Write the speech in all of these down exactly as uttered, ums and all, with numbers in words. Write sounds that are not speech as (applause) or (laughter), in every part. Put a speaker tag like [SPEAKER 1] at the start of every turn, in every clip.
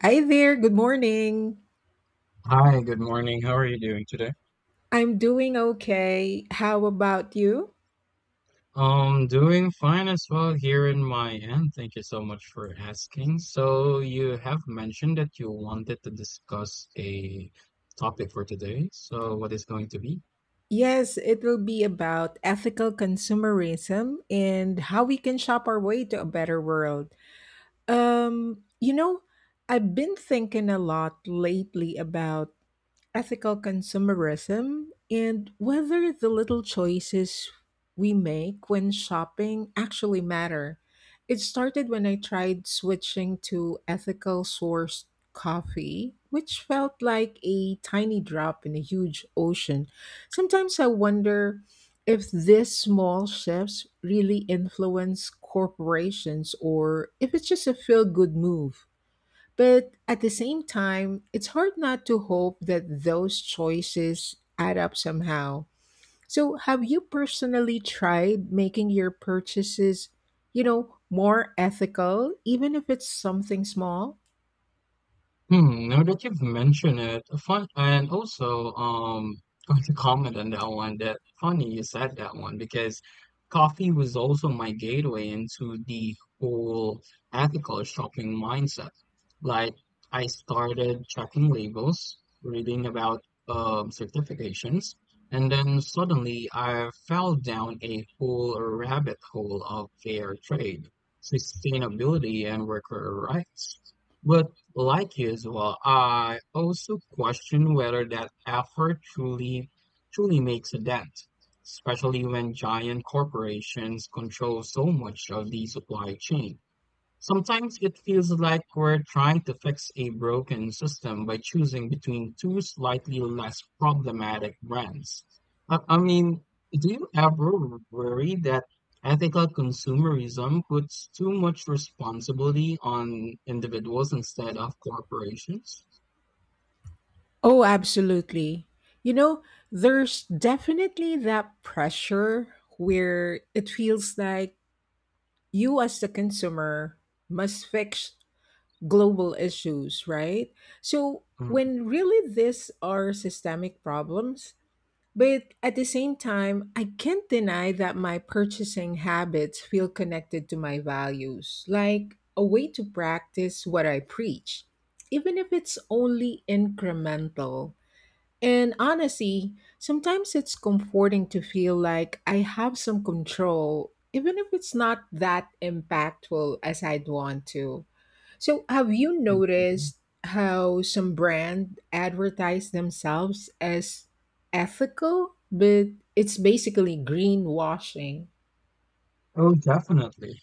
[SPEAKER 1] Hi there, good morning.
[SPEAKER 2] Hi, good morning. How are you doing today?
[SPEAKER 1] I'm doing okay. How about you?
[SPEAKER 2] Um, doing fine as well here in my end. Thank you so much for asking. So you have mentioned that you wanted to discuss a topic for today. So what is going to be?
[SPEAKER 1] Yes, it will be about ethical consumerism and how we can shop our way to a better world. Um, you know, I've been thinking a lot lately about ethical consumerism and whether the little choices we make when shopping actually matter. It started when I tried switching to ethical sourced coffee, which felt like a tiny drop in a huge ocean. Sometimes I wonder if these small shifts really influence corporations or if it's just a feel good move. But at the same time, it's hard not to hope that those choices add up somehow. So, have you personally tried making your purchases, you know, more ethical, even if it's something small?
[SPEAKER 2] Hmm, now that you've mentioned it, fun and also um (laughs) going to comment on that one that funny you said that one because coffee was also my gateway into the whole ethical shopping mindset. Like I started checking labels, reading about um certifications, and then suddenly I fell down a whole rabbit hole of fair trade, sustainability and worker rights. But like you as well, I also question whether that effort truly truly makes a dent, especially when giant corporations control so much of the supply chain. Sometimes it feels like we're trying to fix a broken system by choosing between two slightly less problematic brands. I, I mean, do you ever worry that ethical consumerism puts too much responsibility on individuals instead of corporations?
[SPEAKER 1] Oh, absolutely. You know, there's definitely that pressure where it feels like you, as the consumer, must fix global issues, right? So, when really these are systemic problems, but at the same time, I can't deny that my purchasing habits feel connected to my values, like a way to practice what I preach, even if it's only incremental. And honestly, sometimes it's comforting to feel like I have some control, even if it's not that impactful as I'd want to. So, have you
[SPEAKER 2] Mhm.
[SPEAKER 1] noticed how some brand advertise themselves as ethical, but it's basically greenwashing?
[SPEAKER 2] Oh, definitely.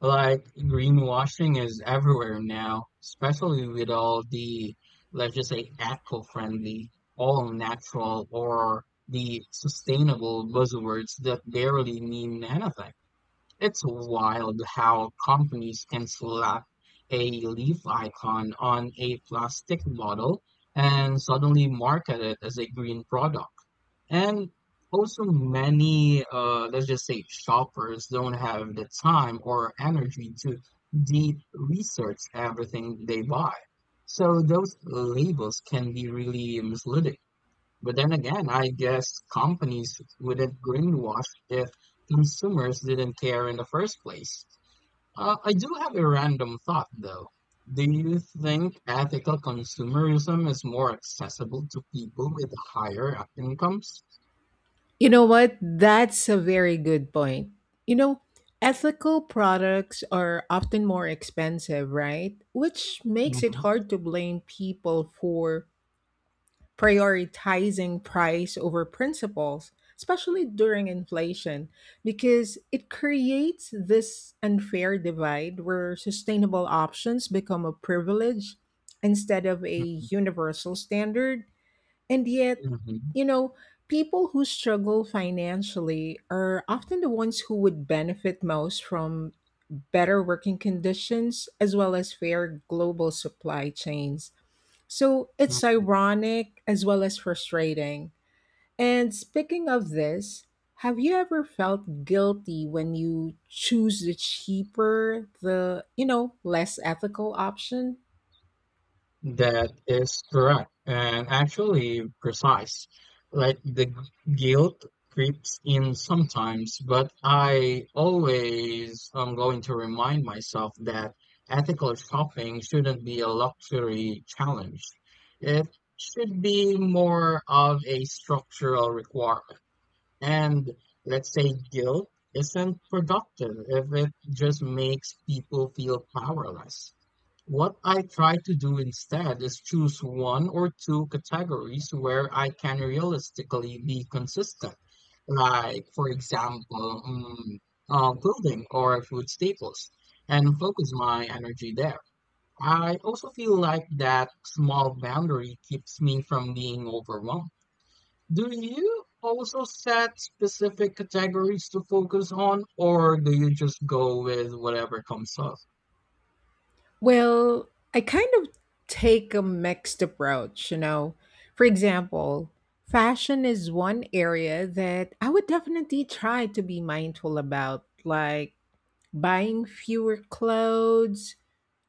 [SPEAKER 2] Like greenwashing is everywhere now, especially with all the, let's just say, eco-friendly, all natural, or the sustainable buzzwords that barely mean anything. It's wild how companies can slap a leaf icon on a plastic bottle and suddenly market it as a green product. And also, many, uh, let's just say, shoppers don't have the time or energy to deep research everything they buy. So those labels can be really misleading. But then again, I guess companies wouldn't greenwash if consumers didn't care in the first place. Uh, I do have a random thought though. Do you think ethical consumerism is more accessible to people with higher incomes?
[SPEAKER 1] You know what? That's a very good point. You know, ethical products are often more expensive, right? Which makes it hard to blame people for prioritizing price over principles, especially during inflation, because it creates this unfair divide where sustainable options become a privilege instead of a
[SPEAKER 2] Mhm,
[SPEAKER 1] universal standard. And yet,
[SPEAKER 2] mhm,
[SPEAKER 1] you know, people who struggle financially are often the ones who would benefit most from better working conditions as well as fair global supply chains. So it's
[SPEAKER 2] mhm.
[SPEAKER 1] ironic as well as frustrating. And speaking of this, have you ever felt guilty when you choose the cheaper, the, you know, less ethical option?
[SPEAKER 2] That is correct and actually precise. Like the g- guilt creeps in sometimes, but I always am going to remind myself that ethical shopping shouldn't be a luxury challenge. It should be more of a structural requirement. And let's say guilt isn't productive if it just makes people feel powerless. What I try to do instead is choose one or two categories where I can realistically be consistent, like, for example, mm, uh, clothing or food staples, and focus my energy there. I also feel like that small boundary keeps me from being overwhelmed. Do you also set specific categories to focus on, or do you just go with whatever comes up?
[SPEAKER 1] Well, I kind of take a mixed approach, you know. For example, fashion is one area that I would definitely try to be mindful about, like buying fewer clothes,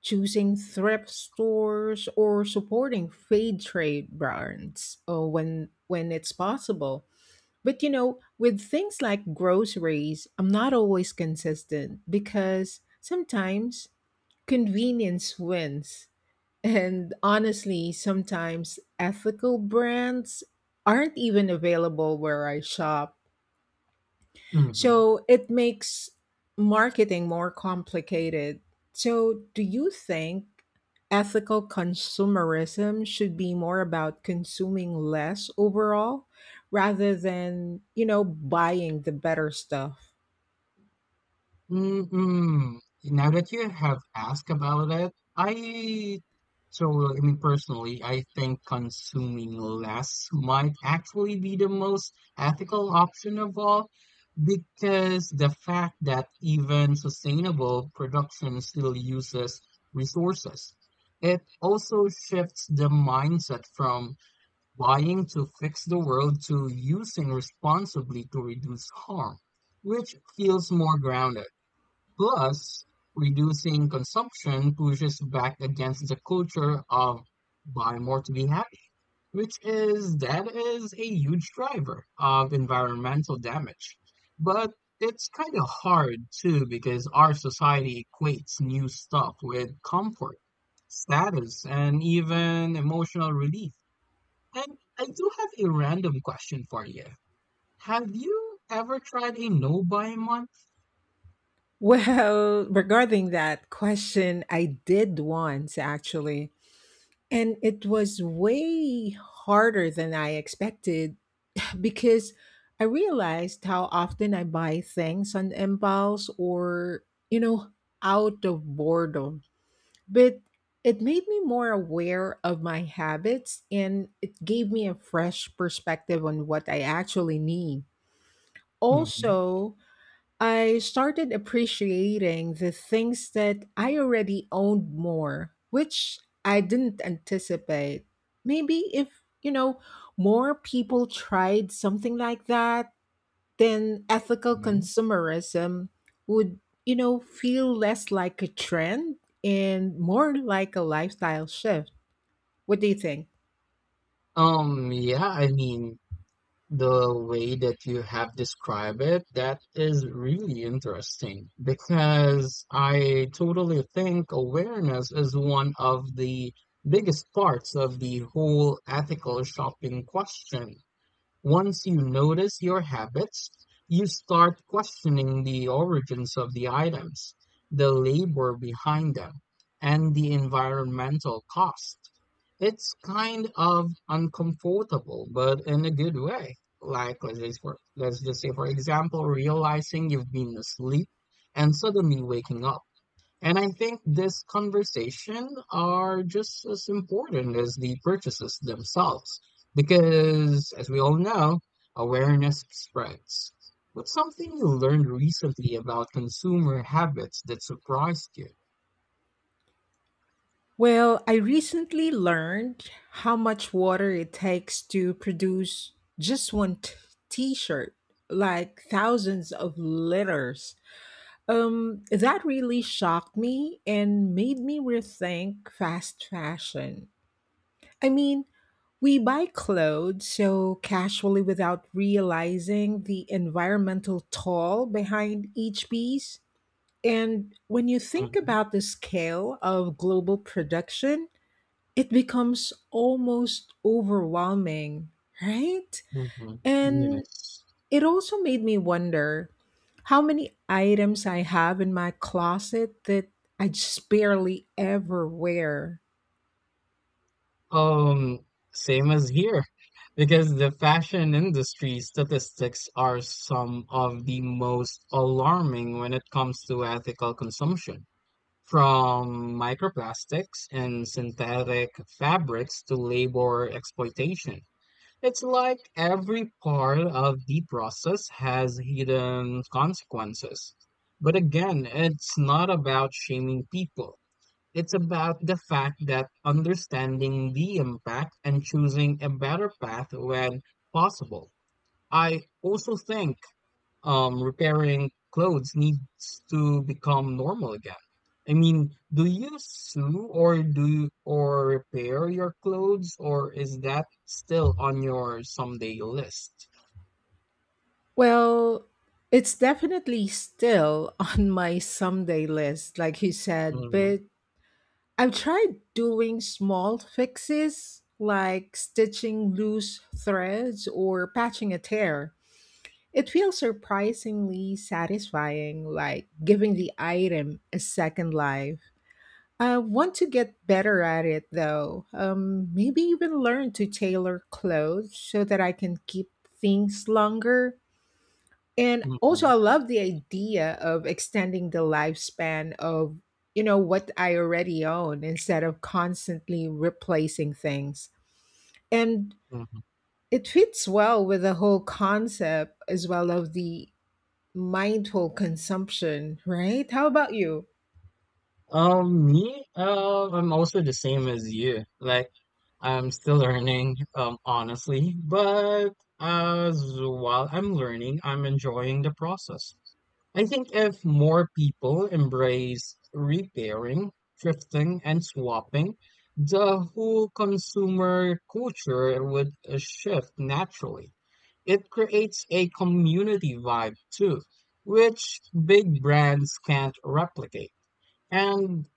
[SPEAKER 1] choosing thrift stores, or supporting fair trade brands uh, when when it's possible. But you know, with things like groceries, I'm not always consistent because sometimes convenience wins. And honestly, sometimes ethical brands aren't even available where I shop.
[SPEAKER 2] Mhm.
[SPEAKER 1] So it makes marketing more complicated. So, do you think ethical consumerism should be more about consuming less overall, rather than, you know, buying the better stuff?
[SPEAKER 2] Mm-mm. Now that you have asked about it, I so I mean personally, I think consuming less might actually be the most ethical option of all because the fact that even sustainable production still uses resources. It also shifts the mindset from buying to fix the world to using responsibly to reduce harm, which feels more grounded. Plus, reducing consumption pushes back against the culture of buy more to be happy, which is that is a huge driver of environmental damage. But it's kind of hard too because our society equates new stuff with comfort, status, and even emotional relief. And I do have a random question for you. Have you ever tried a no buy month?
[SPEAKER 1] Well, (laughs) regarding that question, I did once actually. And it was way harder than I expected because I realized how often I buy things on impulse or, you know, out of boredom. But it made me more aware of my habits and it gave me a fresh perspective on what I actually need.
[SPEAKER 2] Hmm.
[SPEAKER 1] Also, I started appreciating the things that I already owned more, which I didn't anticipate. Maybe if, you know, more people tried something like that, then ethical consumerism would, you know, feel less like a trend and more like a lifestyle shift. What do you think?
[SPEAKER 2] Um, yeah, I mean, the way that you have described it, that is really interesting because I totally think awareness is one of the biggest parts of the whole ethical shopping question. Once you notice your habits, you start questioning the origins of the items, the labor behind them, and the environmental cost. It's kind of uncomfortable, but in a good way. Like let's just for let's just say for example, realizing you've been asleep and suddenly waking up. And I think this conversation are just as important as the purchases themselves, because as we all know, awareness spreads. What's something you learned recently about consumer habits that surprised you?
[SPEAKER 1] Well, I recently learned how much water it takes to produce just one t- t-shirt, like thousands of liters. Um, that really shocked me and made me rethink fast fashion. I mean, we buy clothes so casually without realizing the environmental toll behind each piece. And when you think
[SPEAKER 2] Mhm,
[SPEAKER 1] about the scale of global production, it becomes almost overwhelming, right?
[SPEAKER 2] mhm,
[SPEAKER 1] And
[SPEAKER 2] yes.
[SPEAKER 1] it also made me wonder how many items I have in my closet that I just barely ever wear.
[SPEAKER 2] Um, Same as here, because the fashion industry statistics are some of the most alarming when it comes to ethical consumption. From microplastics and synthetic fabrics to labor exploitation. It's like every part of the process has hidden consequences. But again, it's not about shaming people. It's about the fact that understanding the impact and choosing a better path when possible. I also think um, repairing clothes needs to become normal again. I mean, do you sew or do you, or repair your clothes, or is that still on your someday list?
[SPEAKER 1] Well, it's definitely still (laughs) on my someday list, like you said,
[SPEAKER 2] Mhm,
[SPEAKER 1] but I've tried doing small fixes like stitching loose threads or patching a tear. It feels surprisingly satisfying, like giving the item a second life. I want to get better at it though. Um, maybe even learn to tailor clothes so that I can keep things longer. And also,
[SPEAKER 2] mhm,
[SPEAKER 1] I love the idea of extending the lifespan of you know what I already own instead of constantly replacing things. And
[SPEAKER 2] mhm.
[SPEAKER 1] it fits well with the whole concept as well of the mindful consumption, right? How about you?
[SPEAKER 2] Um, me, uh, I'm also the same as you. Like, I'm still learning, um, honestly, but as while I'm learning, I'm enjoying the process. I think if more people embrace repairing, thrifting, and swapping, the whole consumer culture would uh, shift naturally. It creates a community vibe too, which big brands can't replicate. And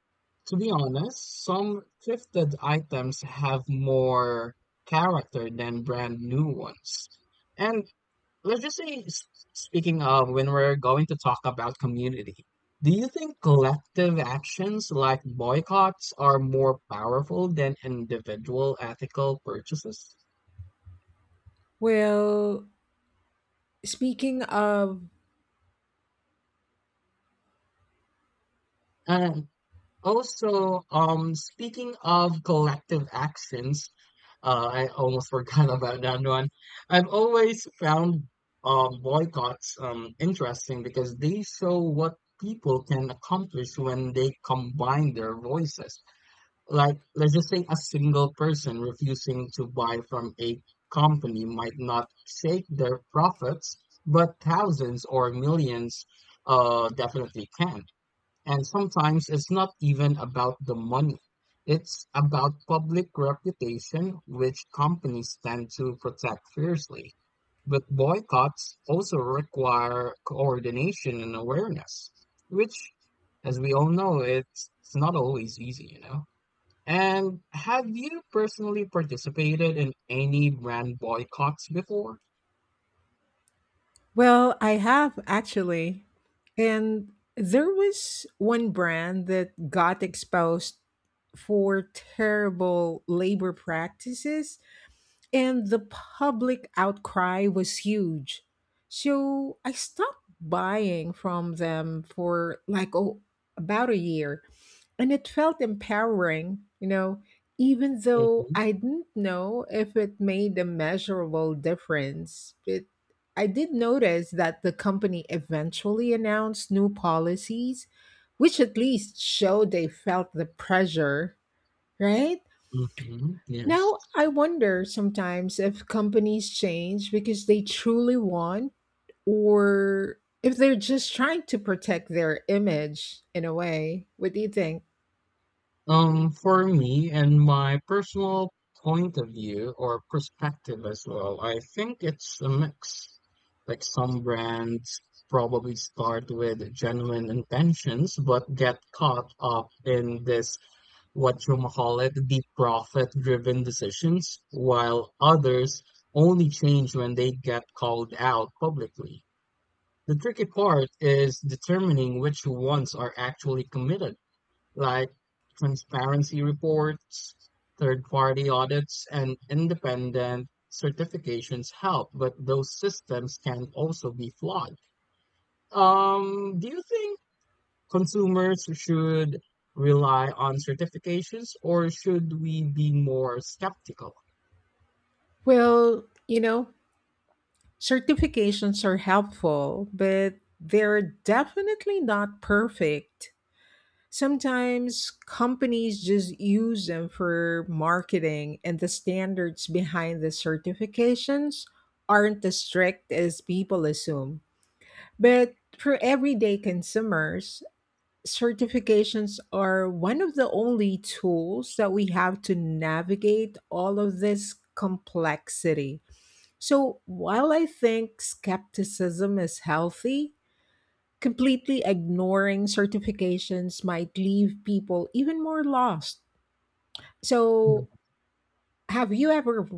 [SPEAKER 2] to be honest, some thrifted items have more character than brand new ones. And let's just say, s- speaking of when we're going to talk about community, do you think collective actions like boycotts are more powerful than individual ethical purchases?
[SPEAKER 1] Well, speaking of,
[SPEAKER 2] And also, um, speaking of collective actions, uh, I almost forgot (laughs) about that one. I've always found um, boycotts um, interesting because they show what people can accomplish when they combine their voices. Like, let's just say a single person refusing to buy from a company might not shake their profits, but thousands or millions uh, definitely can. And sometimes it's not even about the money. It's about public reputation, which companies tend to protect fiercely. But boycotts also require coordination and awareness, which, as we all know, it's, it's not always easy, you know? And have you personally participated in any brand boycotts before?
[SPEAKER 1] well, I have actually. And there was one brand that got exposed for terrible labor practices. And the public outcry was huge. So I stopped buying from them for like, oh, about a year. And it felt empowering, you know, even though
[SPEAKER 2] Mm-hmm.
[SPEAKER 1] I didn't know if it made a measurable difference. It, I did notice that the company eventually announced new policies, which at least showed they felt the pressure, right?
[SPEAKER 2] Mm-hmm. Yes.
[SPEAKER 1] Now, I wonder sometimes if companies change because they truly want or if they're just trying to protect their image in a way. What do you think?
[SPEAKER 2] Um, for me and my personal point of view or perspective as well, I think it's a mix. Like some brands probably start with genuine intentions but get caught up in this what you whatchamacallit, the profit-driven decisions, while others only change when they get called out publicly. The tricky part is determining which ones are actually committed, like transparency reports, third-party audits, and independent certifications help, but those systems can also be flawed. Um, do you think consumers should rely on certifications or should we be more skeptical?
[SPEAKER 1] Well, you know, certifications are helpful, but they're definitely not perfect. Sometimes companies just use them for marketing, and the standards behind the certifications aren't as strict as people assume. But for everyday consumers, certifications are one of the only tools that we have to navigate all of this complexity. So while I think skepticism is healthy, completely ignoring certifications might leave people even more lost.
[SPEAKER 2] Hmm.
[SPEAKER 1] So, have you ever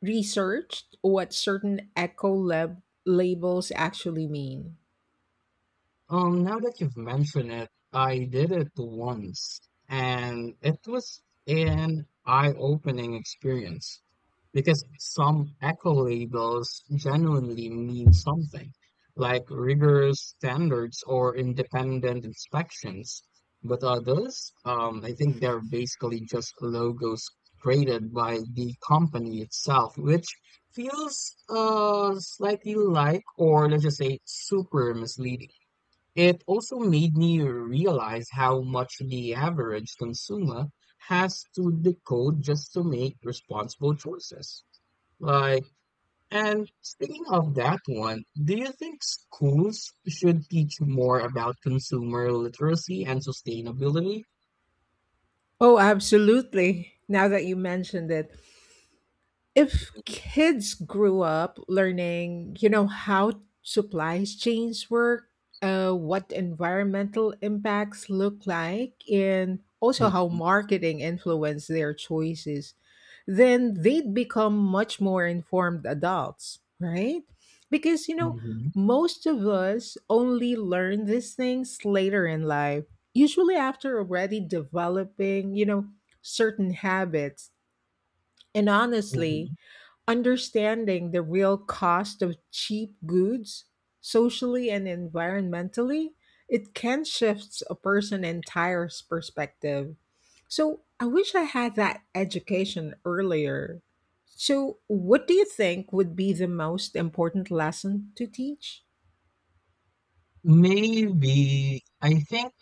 [SPEAKER 1] researched what certain eco lab- labels actually mean?
[SPEAKER 2] Um, now that you've mentioned it, I did it once, and it was an eye-opening experience because some eco labels genuinely mean something, like rigorous standards or independent inspections. But others, um, I think they're basically just logos created by the company itself, which feels uh, slightly like, or let's just say, super misleading. It also made me realize how much the average consumer has to decode just to make responsible choices. Like, and speaking of that one, do you think schools should teach more about consumer literacy and sustainability?
[SPEAKER 1] Oh, absolutely. Now that you mentioned it, if kids grew up learning, you know, how supply chains work, uh, what environmental impacts look like, and also how
[SPEAKER 2] Mhm,
[SPEAKER 1] marketing influence their choices, then they'd become much more informed adults, right? Because, you know,
[SPEAKER 2] mhm,
[SPEAKER 1] most of us only learn these things later in life, usually after already developing, you know, certain habits. And honestly,
[SPEAKER 2] mhm.
[SPEAKER 1] understanding the real cost of cheap goods, socially and environmentally, it can shift a person's entire perspective. So I wish I had that education earlier. So, what do you think would be the most important lesson to teach?
[SPEAKER 2] Maybe I think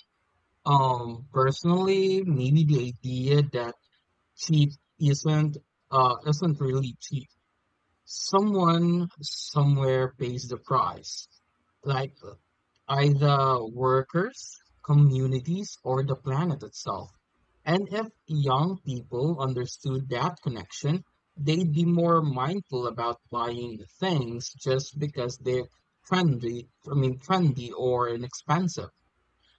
[SPEAKER 2] um personally maybe the idea that cheap isn't uh isn't really cheap someone somewhere pays the price, like uh, either workers, communities, or the planet itself. And if young people understood that connection, they'd be more mindful about buying things just because they're trendy, I mean, trendy or inexpensive.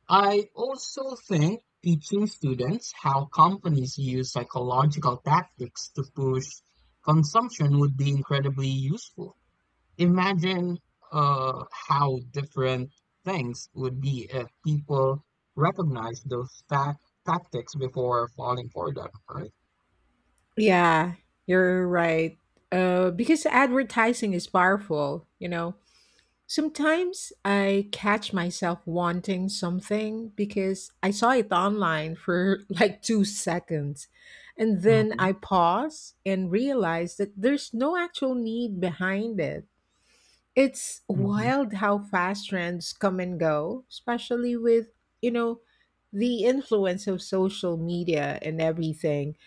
[SPEAKER 2] I also think teaching students how companies use psychological tactics to push consumption would be incredibly useful. Imagine uh, how different things would be if people recognize those tac tactics before falling for them, right?
[SPEAKER 1] Yeah, you're right. Uh, because advertising is powerful, you know. Sometimes I catch myself wanting something because I saw it online for (laughs) like two seconds. And then
[SPEAKER 2] Hmm.
[SPEAKER 1] I pause and realize that there's no actual need behind it. It's
[SPEAKER 2] Hmm.
[SPEAKER 1] wild how fast trends come and go, especially with, you know, the influence of social media and everything.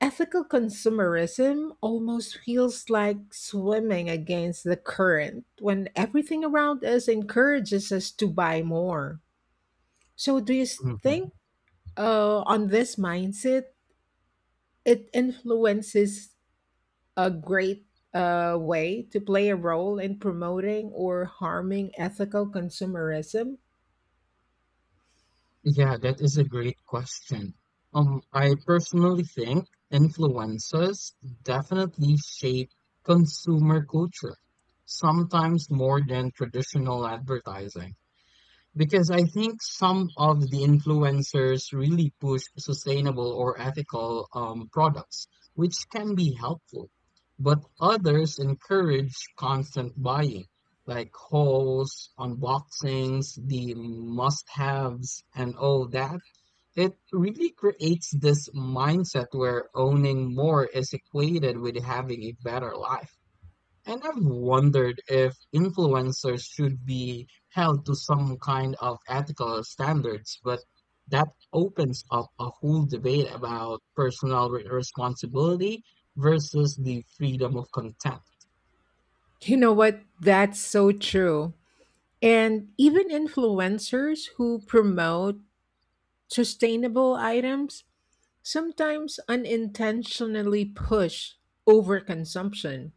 [SPEAKER 1] Ethical consumerism almost feels like swimming against the current when everything around us encourages us to buy more. So, do you
[SPEAKER 2] Hmm.
[SPEAKER 1] think uh, on this mindset, it influences a great uh, way to play a role in promoting or harming ethical consumerism?
[SPEAKER 2] Yeah, that is a great question. Um, I personally think influences definitely shape consumer culture, sometimes more than traditional advertising. Because I think some of the influencers really push sustainable or ethical um, products, which can be helpful. But others encourage constant buying, like hauls, unboxings, the must haves, and all that. It really creates this mindset where owning more is equated with having a better life. And I've wondered if influencers should be held to some kind of ethical standards, but that opens up a whole debate about personal re- responsibility versus the freedom of content.
[SPEAKER 1] You know what? That's so true. And even influencers who promote sustainable items sometimes unintentionally push overconsumption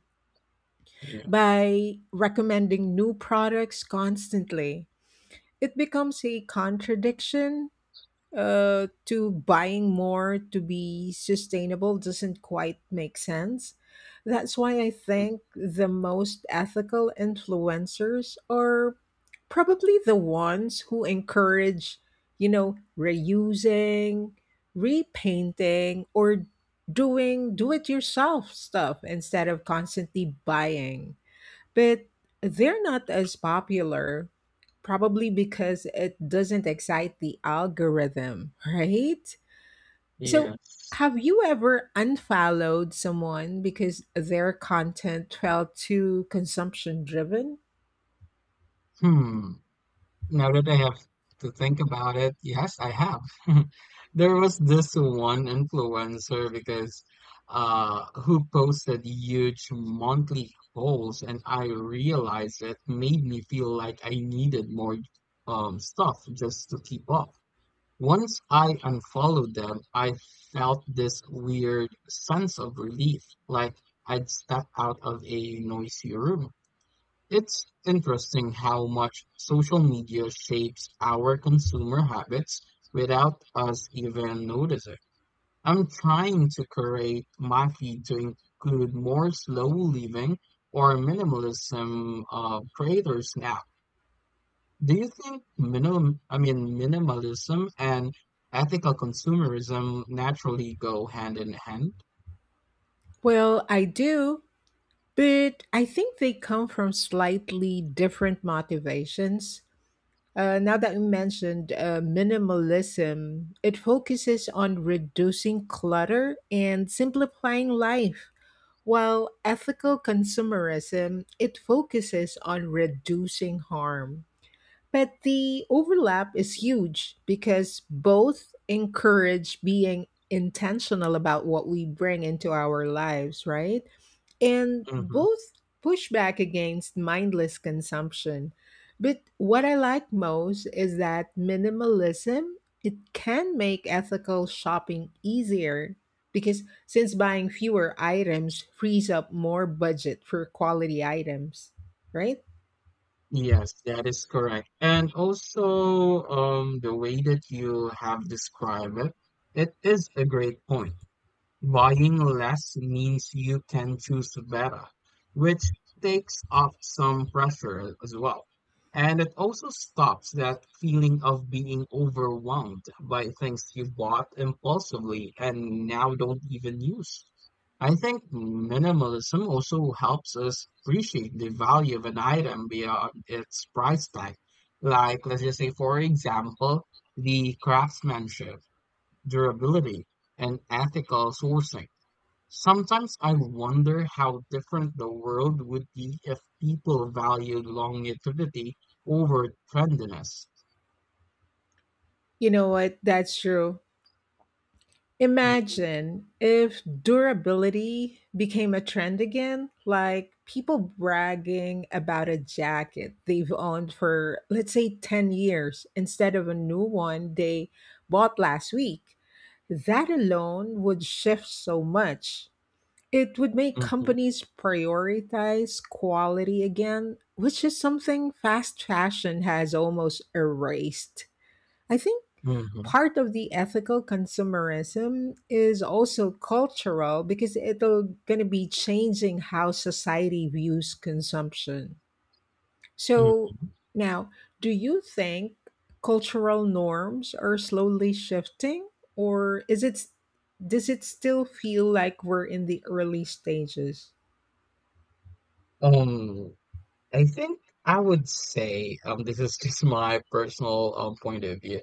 [SPEAKER 2] Yeah.
[SPEAKER 1] by recommending new products constantly. It becomes a contradiction. Uh, to buying more to be sustainable doesn't quite make sense. That's why I think the most ethical influencers are probably the ones who encourage, you know, reusing, repainting, or doing do it yourself stuff instead of constantly buying. But they're not as popular, probably because it doesn't excite the algorithm, right? So,
[SPEAKER 2] Yeah.
[SPEAKER 1] have you ever unfollowed someone because their content felt too consumption driven?
[SPEAKER 2] Hmm. Now that I have to think about it, yes, I have. (laughs) There was this one influencer because uh who posted huge monthly goals and I realized it made me feel like I needed more um stuff just to keep up. Once I unfollowed them, I felt this weird sense of relief, like I'd stepped out of a noisy room. It's interesting how much social media shapes our consumer habits without us even noticing. I'm trying to create my feed to include more slow living or minimalism uh, creators now. Do you think minimum, I mean minimalism and ethical consumerism naturally go hand in hand?
[SPEAKER 1] Well, I do, but I think they come from slightly different motivations. Uh, now that you mentioned uh, minimalism, it focuses on reducing clutter and simplifying life. While ethical consumerism, it focuses on reducing harm. But the overlap is huge because both encourage being intentional about what we bring into our lives, right? And
[SPEAKER 2] Hmm.
[SPEAKER 1] both push back against mindless consumption. But what I like most is that minimalism, it can make ethical shopping easier because since buying fewer items frees up more budget for quality items, right?
[SPEAKER 2] Yes, that is correct. And also, um, the way that you have described it, it is a great point. Buying less means you can choose better, which takes off some pressure as well. And it also stops that feeling of being overwhelmed by things you bought impulsively and now don't even use. I think minimalism also helps us appreciate the value of an item beyond its price tag. Like, let's just say, for example, the craftsmanship, durability, and ethical sourcing. Sometimes I wonder how different the world would be if people valued longevity over trendiness.
[SPEAKER 1] You know what? That's true.
[SPEAKER 2] Hmm.
[SPEAKER 1] Imagine if durability became a trend again, like people bragging about a jacket they've owned for, let's say, ten years instead of a new one they bought last week. That alone would shift so much. It would make
[SPEAKER 2] Hmm.
[SPEAKER 1] companies prioritize quality again, which is something fast fashion has almost erased. I think
[SPEAKER 2] Hmm.
[SPEAKER 1] part of the ethical consumerism is also cultural because it'll going to be changing how society views consumption. So now, do you think cultural norms are slowly shifting or is it does it still feel like we're in the early stages?
[SPEAKER 2] Um, I think I would say, um, this is (laughs) just my personal um, point of view.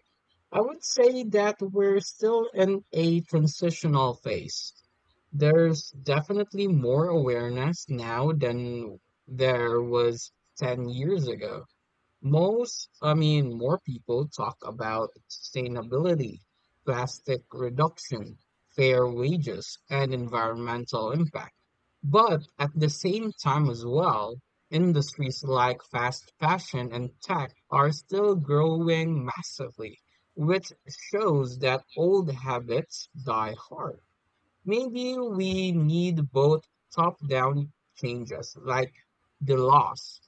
[SPEAKER 2] I would say that we're still in a transitional phase. There's definitely more awareness now than there was ten years ago. Most, I mean, more people talk about sustainability, plastic reduction, fair wages, and environmental impact. But at the same time as well, industries like fast fashion and tech are still growing massively, which shows that old habits die hard. Maybe we need both top-down changes like the laws,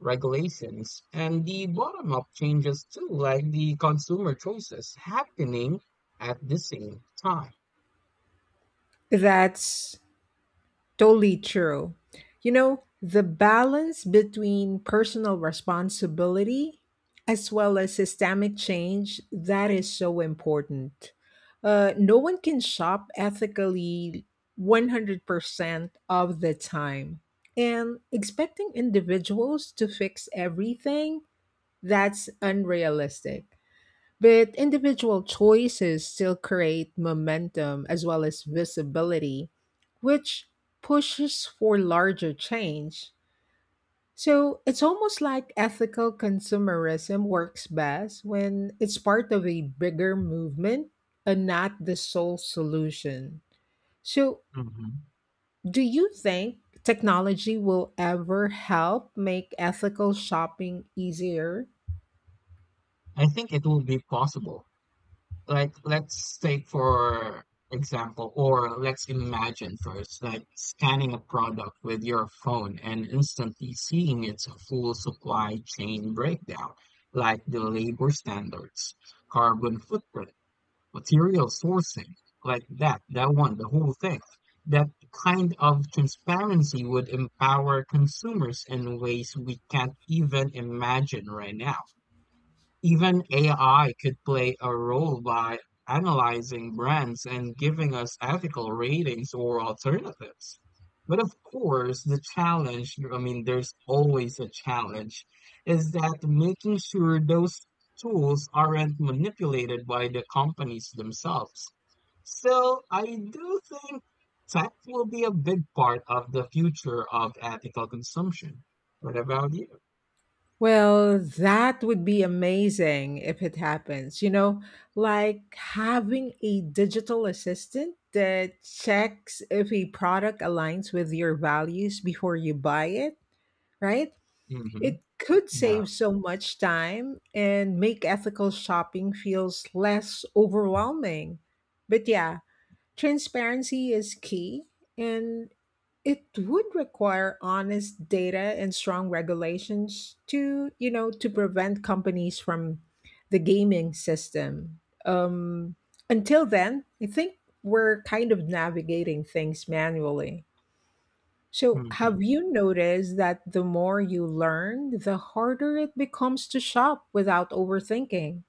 [SPEAKER 2] regulations, and the bottom-up changes too, like the consumer choices happening at the same time.
[SPEAKER 1] That's totally true. You know, the balance between personal responsibility as well as systemic change, that is so important. Uh, no one can shop ethically one hundred percent of the time. And expecting individuals to fix everything, that's unrealistic. But individual choices still create momentum as well as visibility, which pushes for larger change. So it's almost like ethical consumerism works best when it's part of a bigger movement and not the sole solution. So,
[SPEAKER 2] Hmm.
[SPEAKER 1] do you think technology will ever help make ethical shopping easier?
[SPEAKER 2] I think it will be possible. Like let's take for example or let's imagine first like scanning a product with your phone and instantly seeing its full supply chain breakdown like the labor standards, carbon footprint, material sourcing, like that that one the whole thing that kind of transparency would empower consumers in ways we can't even imagine right now. Even A I could play a role by analyzing brands and giving us ethical ratings or alternatives. But of course, the challenge, I mean, there's always a challenge, is that making sure those tools aren't manipulated by the companies themselves. Still, I do think tech will be a big part of the future of ethical consumption. What about you?
[SPEAKER 1] Well, that would be amazing if it happens. You know, like having a digital assistant that checks if a product aligns with your values before you buy it, right?
[SPEAKER 2] Hmm.
[SPEAKER 1] It could
[SPEAKER 2] Yeah.
[SPEAKER 1] save so much time and make ethical shopping feels less overwhelming. But yeah, transparency is key, and it would require honest data and strong regulations to, you know, to prevent companies from the gaming system. Um, until then, I think we're kind of navigating things manually. So, have
[SPEAKER 2] Hmm.
[SPEAKER 1] you noticed that the more you learn, the harder it becomes to shop without overthinking?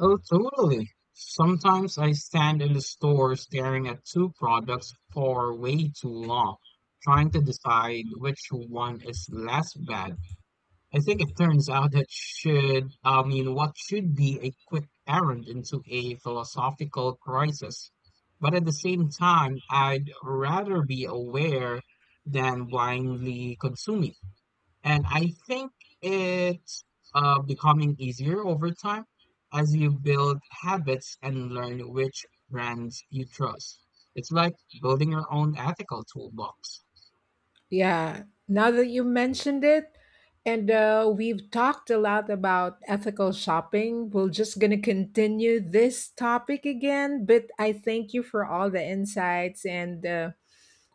[SPEAKER 2] Oh, totally. Sometimes I stand in the store staring at two products for way too long, trying to decide which one is less bad. I think it turns out that should, I mean, what should be a quick errand into a philosophical crisis. But at the same time, I'd rather be aware than blindly consuming. And I think it's uh, becoming easier over time as you build habits and learn which brands you trust. It's like building your own ethical toolbox.
[SPEAKER 1] Yeah, now that you mentioned it, and uh, we've talked a lot about ethical shopping, we're just going to continue this topic again. But I thank you for all the insights and uh,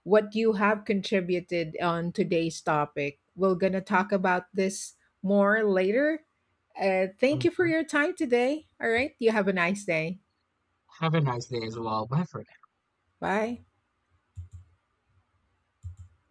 [SPEAKER 1] what you have contributed on today's topic. We're going to talk about this more later. Uh, thank you for
[SPEAKER 2] Mhm.
[SPEAKER 1] your time today. All right, you have a nice day.
[SPEAKER 2] Have a nice day as well. Bye for
[SPEAKER 1] Bye.